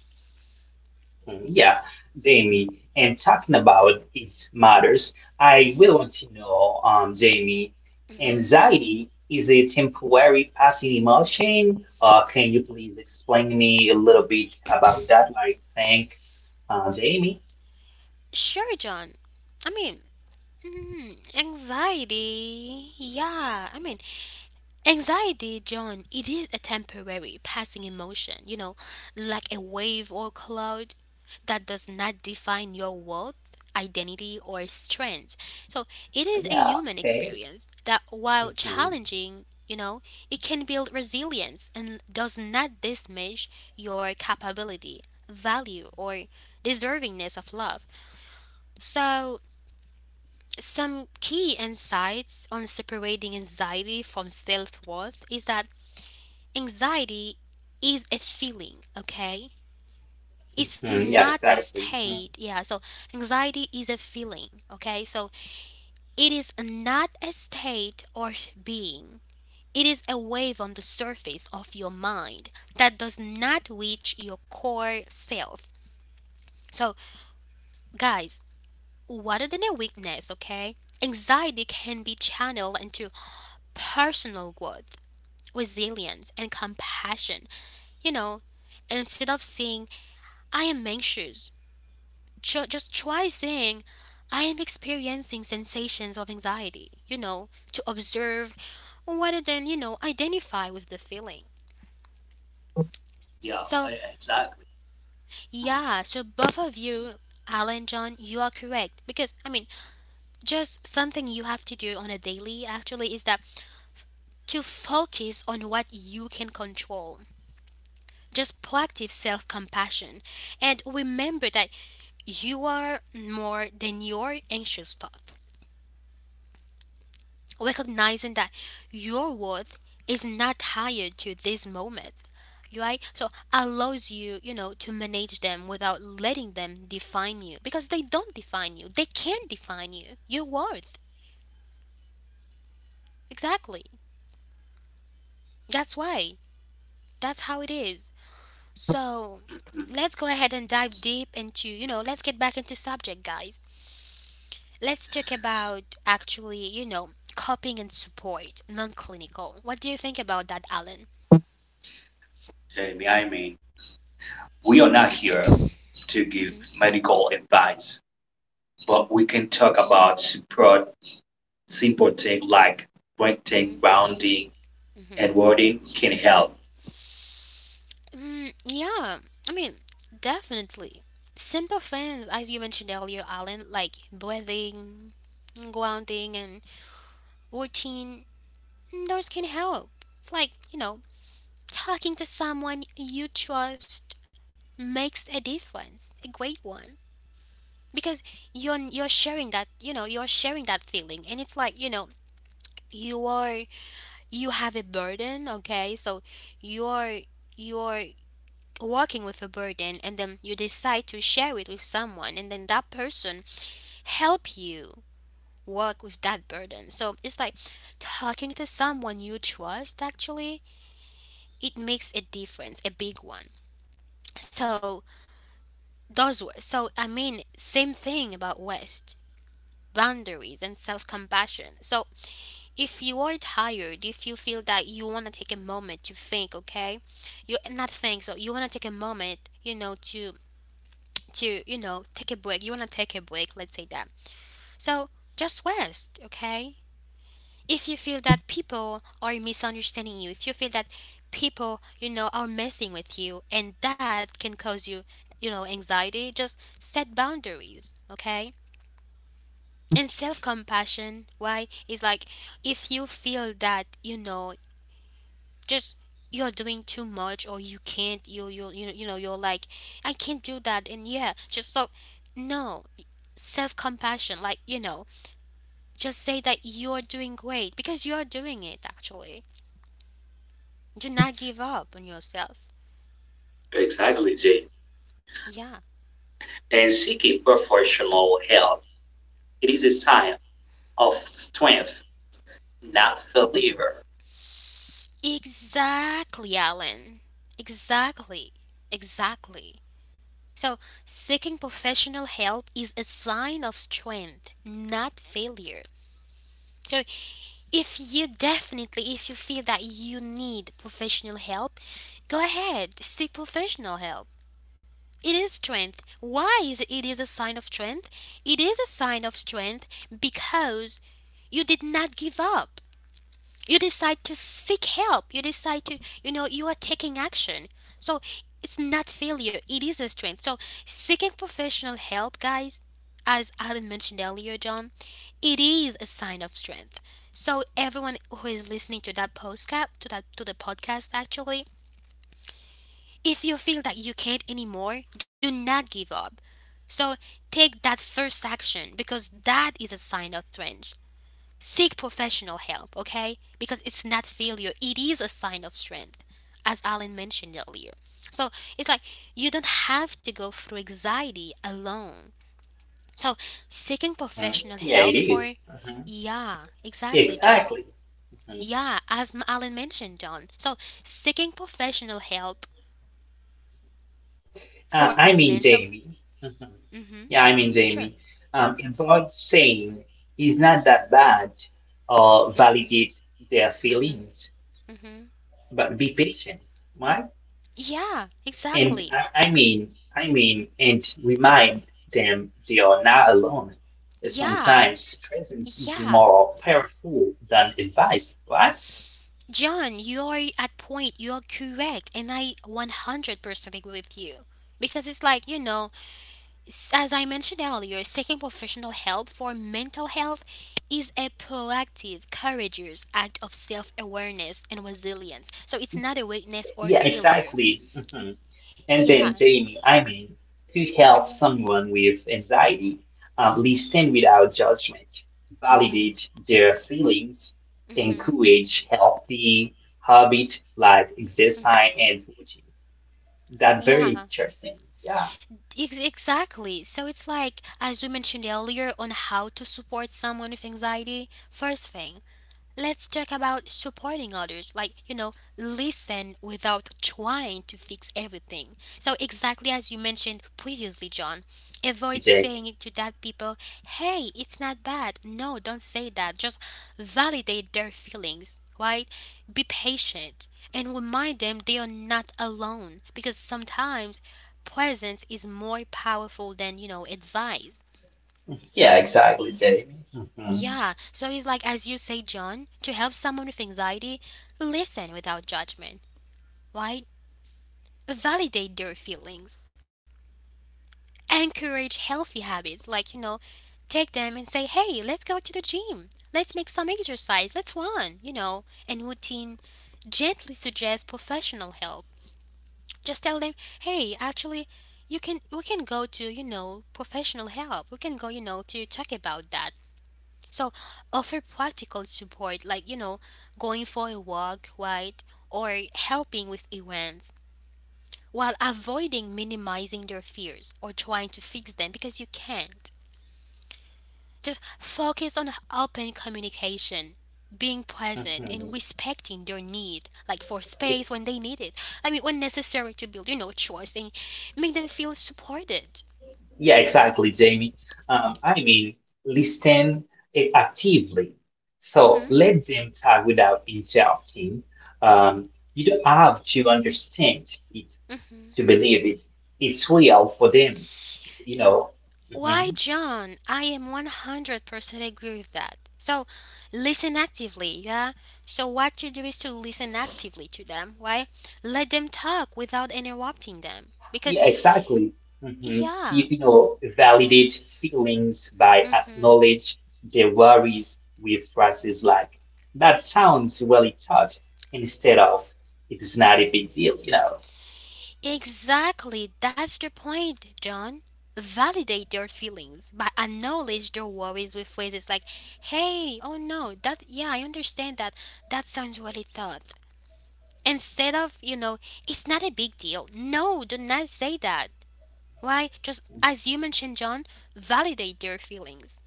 Speaker 2: Mm, Yeah, Jamie, and talking about its matters, I will want to know, Jamie, anxiety is a temporary passing emotion, or can you please explain me a little bit about that? Jamie.
Speaker 1: Sure, John. I mean, anxiety. Yeah, I mean, anxiety, John, it is a temporary passing emotion, you know, like a wave or cloud that does not define your worth, identity, or strength. So, it is a
Speaker 2: Yeah,
Speaker 1: human
Speaker 2: okay.
Speaker 1: experience that, while
Speaker 2: hmm
Speaker 1: challenging, you know, it can build resilience and does not diminish your capability, value, or deservingness of love. So, some key insights on separating anxiety from self worth is that anxiety is a feeling, okay? It's
Speaker 2: Yeah,
Speaker 1: not a
Speaker 2: exactly.
Speaker 1: state. Yeah, so anxiety is a feeling, okay? So it is not a state or being. It is a wave on the surface of your mind that does not reach your core self. So, guys, rather than a weakness, okay? Anxiety can be channeled into personal growth resilience and compassion. You know, instead of saying, I am anxious, just try saying, I am experiencing sensations of anxiety, you know, to observe rather than, you know, identify with the feeling.
Speaker 3: Yeah,
Speaker 1: So,
Speaker 3: exactly.
Speaker 1: yeah, so both of you, Alan, John, you are correct. Because, I mean, just something you have to do on a daily actually is that to focus on what you can control. Just proactive self compassion. And remember that you are more than your anxious thought, recognizing that your worth is not tied to these moments, right? So allows you, you know, to manage them without letting them define you because they don't define you. They can't define you. Your worth. Exactly. That's why. That's how it is. So let's go ahead and dive deep into, you know, let's get back into subject, guys. Let's talk about actually, you know, coping and support, non clinical. What do you think about that, Alan?
Speaker 3: Jamie, I mean, we are not here to give medical advice, but we can talk about support, simple things like
Speaker 1: hmm
Speaker 3: breathing, grounding, and wording can help.
Speaker 1: Yeah, I mean, definitely. Simple things, as you mentioned earlier, Alan, like breathing, grounding, and routine, those can help. It's like, you know, talking to someone you trust makes a difference, a great one. Because you're sharing that, you know, you're sharing that feeling and it's like, you know, you are you have a burden, okay, so you're you're walking with a burden, and then you decide to share it with someone, and then that person help you work with that burden. So it's like talking to someone you trust actually, it makes a difference, a big one. So those were, so I mean same thing about west boundaries and self-compassion. So if you are tired, if you feel that you want to take a moment to think, okay, you not think, so you want to take a moment, you know, to you know take a break. You want to take a break. Let's say that. So just rest, okay. If you feel that people are misunderstanding you, if you feel that people, you know, are messing with you, and that can cause you know, anxiety, just set boundaries, okay. And self compassion, why? Is like if you feel that, you know, just you're doing too much, or you can't, you know you know you're like I can't do that, and yeah just so no, self compassion like, you know, just say that you're doing great because you're doing it actually. Do not give up on yourself.
Speaker 3: Exactly, Jay.
Speaker 1: Yeah,
Speaker 3: And seeking professional help, it is a sign of strength not the leader.
Speaker 1: exactly, Alan, exactly, exactly. So seeking professional help is a sign of strength, not failure. So if you definitely, if you feel that you need professional help, go ahead, seek professional help. It is strength. Why is it, it is a sign of strength? It is a sign of strength because you did not give up, you decide to seek help, you decide to, you know, you are taking action. So it's not failure, it is a strength. So seeking professional help, guys, as Alan mentioned earlier, John, it is a sign of strength. So everyone who is listening to that podcast, to that, to the podcast actually, if you feel that you can't anymore, do not give up. So take that first action because that is a sign of strength. Seek professional help, okay? Because it's not failure, it is a sign of strength, as Alan mentioned earlier. So it's like you don't have to go through anxiety alone. So seeking
Speaker 2: Hmm
Speaker 1: professional
Speaker 2: Yeah, it
Speaker 1: help
Speaker 2: is.
Speaker 1: for,
Speaker 2: Mhm.
Speaker 1: yeah, exactly, John.
Speaker 2: Exactly. Mm-hmm.
Speaker 1: Yeah, as Alan mentioned, John. So seeking professional help for mental.
Speaker 2: Jamie. Mhm.
Speaker 1: Mm-hmm. Sure.
Speaker 2: Jamie. Avoid saying "is not that bad" or
Speaker 1: Mm-hmm.
Speaker 2: validate their
Speaker 1: Mm-hmm.
Speaker 2: feelings,
Speaker 1: Mm-hmm.
Speaker 2: but be patient, right?
Speaker 1: Yeah,
Speaker 2: And
Speaker 1: exactly.
Speaker 2: I mean, and remind them they are not alone.
Speaker 1: Yeah,
Speaker 2: Sometimes presence is
Speaker 1: yeah,
Speaker 2: more powerful than advice, right?
Speaker 1: John, you are at point. You are correct, and I 100% agree with you. Because it's like, you know, as I mentioned earlier, seeking professional help for mental health is a proactive, courageous act of self awareness and resilience. So it's not a weakness or
Speaker 2: Yeah,
Speaker 1: failure.
Speaker 2: exactly. Mm-hmm. And
Speaker 1: Yeah.
Speaker 2: then, Jamie, I mean, To help
Speaker 1: Hmm.
Speaker 2: someone with anxiety, listen without judgment,
Speaker 1: Hmm.
Speaker 2: validate their feelings,
Speaker 1: Hmm.
Speaker 2: encourage healthy habit like exercise and routine. That's very
Speaker 1: Yeah.
Speaker 2: interesting. Yeah,
Speaker 1: Exactly. So it's like, as we mentioned earlier, on how to support someone with anxiety, first thing, let's talk about supporting others. Like, you know, listen without trying to fix everything. So, exactly as you mentioned previously, John,
Speaker 2: yeah, exactly,
Speaker 1: avoid
Speaker 2: Jamie.
Speaker 1: saying to that people, hey, it's not bad. No, don't say that. Just validate their feelings, right? Be patient and remind them they are not alone because sometimes presence is more powerful than, you know, advice.
Speaker 2: Yeah, exactly, Jamie. hmm
Speaker 1: Yeah, so it's like, as you say, John, to help someone with anxiety, listen without judgment, right? Validate their feelings, encourage healthy habits, like, you know, take them and say, hey, let's go to the gym, let's make some exercise, let's run, you know, and routine. Gently suggest professional help. Just tell them, hey, actually, you can, we can go to, you know, professional help, we can go, you know, to talk about that. So offer practical support like, you know, going for a walk, right? Or helping with events while avoiding minimizing their fears or trying to fix them because you can't. Just focus on open communication, being present
Speaker 2: hmm
Speaker 1: and respecting their need, like for space when they need it. I mean when necessary to build, you know, trust and make them feel supported.
Speaker 2: Yeah, exactly, Jamie. I mean, listen actively. So
Speaker 1: Mhm.
Speaker 2: let them talk without interrupting. Um, you don't have to understand it to believe it. It's real for them, you know.
Speaker 1: Why,
Speaker 2: Mhm.
Speaker 1: John, I am 100% agree with that. So, listen actively, yeah? So, what you do is to listen actively to them, why? Let them talk without interrupting them. Because,
Speaker 2: Yeah, exactly. hmm You,
Speaker 1: yeah,
Speaker 2: validate feelings by
Speaker 1: hmm,
Speaker 2: acknowledge their worries with phrases like, that sounds really tough, instead of, it's not a big deal, you know.
Speaker 1: exactly, that's the point, John. Validate their feelings by acknowledge their worries with phrases like, hey, oh no, that, yeah, I understand that. That sounds really thought instead of, you know, it's not a big deal, no, do not say that. Why? Just as you mentioned, John, validate their feelings.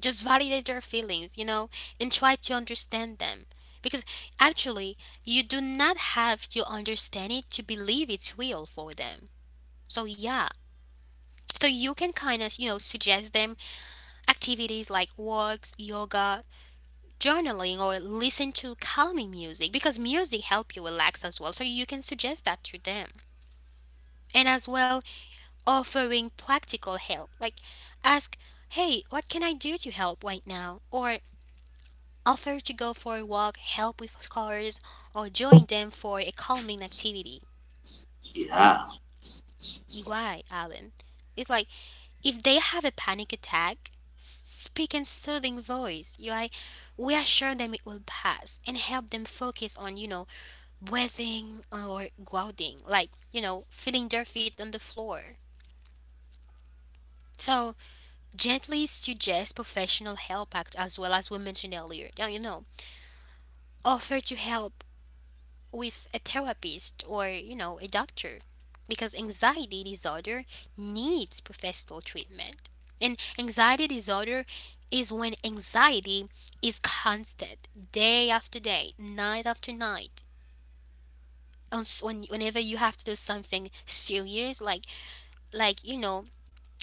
Speaker 1: Just validate their feelings, you know, and try to understand them. Because actually, you do not have to understand it to believe it's real for them. So, yeah. So, you can kind of, you know, suggest them activities like walks, yoga, journaling, or listen to calming music because music help you relax as well. So, you can suggest that to them. And as well, offering practical help. Like ask, hey, what can I do to help right now? Or offer to go for a walk, help with chores, or join them for a calming activity.
Speaker 3: Yeah,
Speaker 1: Why, Alan. It's like if they have a panic attack, speak in soothing voice. You like reassure them it will pass and help them focus on, you know, breathing or grounding, like, you know, feeling their feet on the floor. So gently suggest professional help act as well as we mentioned earlier. Yeah, you know, offer to help with a therapist or, you know, a doctor because anxiety disorder needs professional treatment. And anxiety disorder is when anxiety is constant, day after day, night after night. When, whenever you have to do something serious, like you know,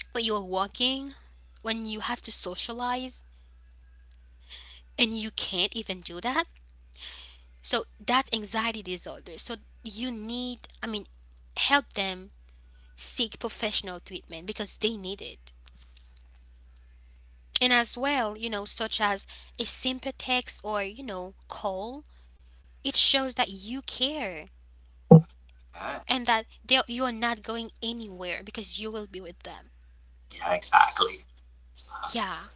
Speaker 1: when you're walking, when you have to socialize and you can't even do that, so that's anxiety disorder. So you need, I mean, help them seek professional treatment because they need it. And as well, you know, such as a simple text or, you know, call, it shows that you care
Speaker 3: yeah,
Speaker 1: and that they you're not going anywhere because you will be with them.
Speaker 3: exactly.
Speaker 1: Yeah.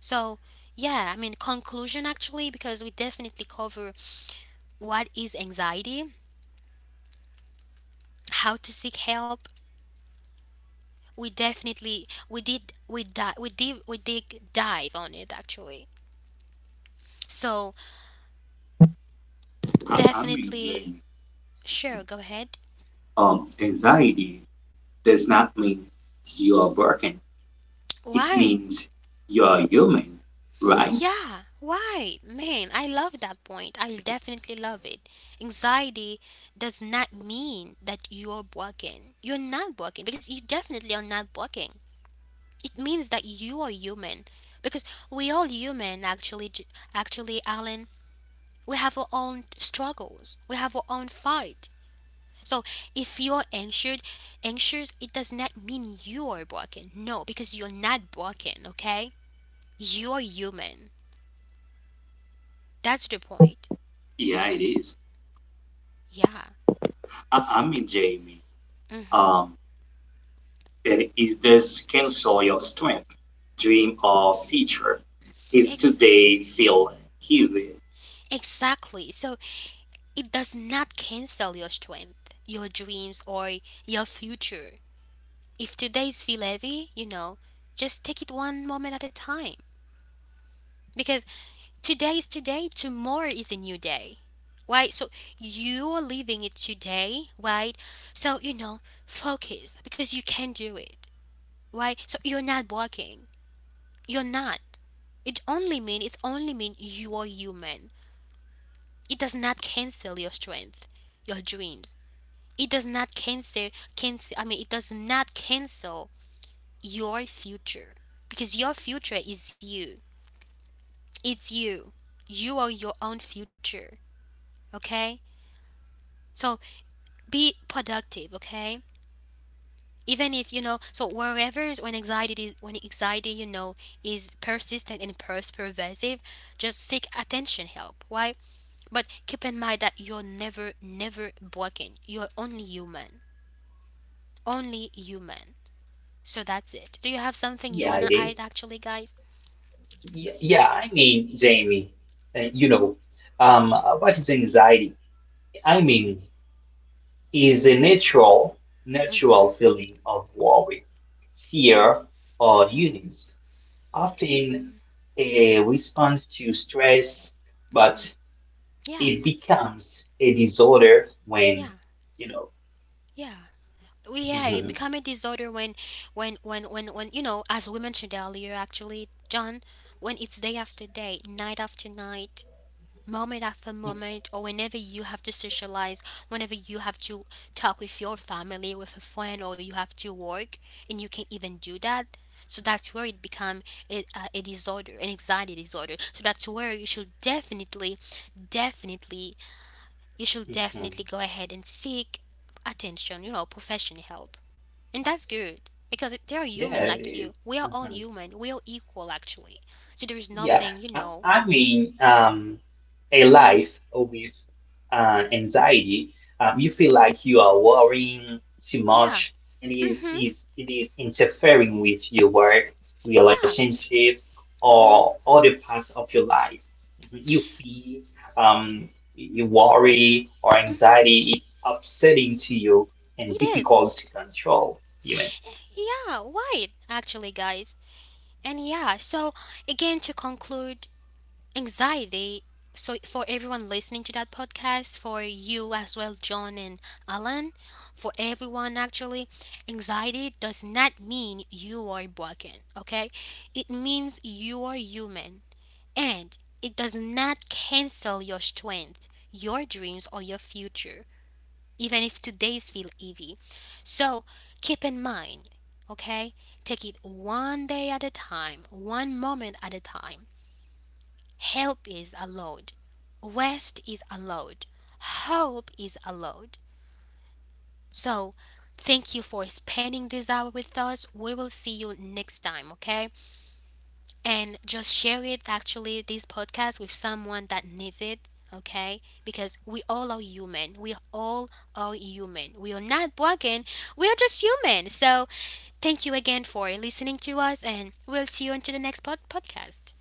Speaker 1: So, yeah, I mean, conclusion actually, because we definitely cover what is anxiety, how to seek help, we definitely we did we did dive on it actually. So
Speaker 3: I mean,
Speaker 1: definitely
Speaker 3: Jamie,
Speaker 1: sure go ahead.
Speaker 3: anxiety does not mean you are broken. It
Speaker 1: Why?
Speaker 3: means you are human, right?
Speaker 1: Yeah, why? Man, I love that point. I definitely love it. Anxiety does not mean that you're broken. You're not broken because you definitely are not broken. It means that you are human because we all human actually, actually Alan. We have our own struggles. We have our own fight. So if you're anxious, it does not mean you are broken. No, because you're not broken. Okay, you're human. That's the point.
Speaker 3: Yeah, it is.
Speaker 1: Yeah.
Speaker 3: I mean, Jamie,
Speaker 1: Mm-hmm.
Speaker 3: um, it is this cancel your strength, dream, or feature. If
Speaker 1: Ex-
Speaker 3: today feel heavy,
Speaker 1: exactly. So it does not cancel your strength, your dreams, or your future. If today's feel heavy, you know, just take it one moment at a time. Because today is today, tomorrow is a new day. Right? So you are living it today, right? So you know, focus because you can do it. Right? So you're not working. You're not. It's only mean you are human. It does not cancel your strength, your dreams. It does not cancel cancel I mean it does not cancel your future. Because your future is you. It's you. You are your own future. Okay? So be productive, okay, even if you know so wherever when anxiety when anxiety, you know, is persistent and pervasive, just seek attention help, why, but keep in mind that you're never never broken, you're only human, only human. So that's it, do you have something you
Speaker 2: Yeah,
Speaker 1: want
Speaker 2: it
Speaker 1: to add
Speaker 2: is.
Speaker 1: actually, guys?
Speaker 2: Yeah, Jamie, uh, you know, um, what is anxiety? I mean, is a natural, natural
Speaker 1: Mm-hmm.
Speaker 2: feeling of worry, fear, or
Speaker 1: Mm-hmm.
Speaker 2: unease, often a response to stress, but
Speaker 1: Yeah.
Speaker 2: it becomes a disorder when,
Speaker 1: Yeah.
Speaker 2: you know,
Speaker 1: Yeah. Well, yeah it
Speaker 2: mhm,
Speaker 1: become a disorder when when when you know as we mentioned earlier actually John, when it's day after day, night after night, moment after
Speaker 2: mhm,
Speaker 1: moment, or whenever you have to socialize, whenever you have to talk with your family, with a friend, or you have to work and you can't even do that, so that's where it become a disorder, an anxiety disorder, so that's where you should definitely, definitely, you should
Speaker 2: mhm.
Speaker 1: definitely go ahead and seek attention, you know, professional help. And that's good because they're
Speaker 2: yeah,
Speaker 1: human
Speaker 2: it
Speaker 1: like
Speaker 2: is.
Speaker 1: you. We are all
Speaker 2: Mm-hmm.
Speaker 1: human. We are equal actually. So there is
Speaker 2: Yeah,
Speaker 1: nothing, you
Speaker 2: I,
Speaker 1: know.
Speaker 2: I mean, um, a life with anxiety, you feel like you are worrying too
Speaker 1: Yeah.
Speaker 2: much, and it is
Speaker 1: Mhm.
Speaker 2: is it is interfering with your work,
Speaker 1: Yeah.
Speaker 2: relationship,
Speaker 1: Mhm.
Speaker 2: or other parts of your life. Mhm. You feel um, you worry or
Speaker 1: Mhm.
Speaker 2: anxiety. It's upsetting to you and
Speaker 1: It is.
Speaker 2: difficult to control, even.
Speaker 1: Yeah, right. Actually, guys. And yeah, so again to conclude, anxiety, so for everyone listening to that podcast, for you as well John, and Alan, for everyone actually, anxiety does not mean you are broken, okay, it means you are human, and it does not cancel your strength, your dreams, or your future, even if today's feel heavy. So keep in mind, okay, take it one day at a time, one moment at a time. Help is allowed. Rest is allowed. Hope is allowed. So, thank you for spending this hour with us. We will see you next time, okay? And just share it actually, this podcast with someone that needs it, okay? Because we all are human. We all are human. We are not broken. We are just human. So, thank you again for listening to us, and we'll see you until the next podcast.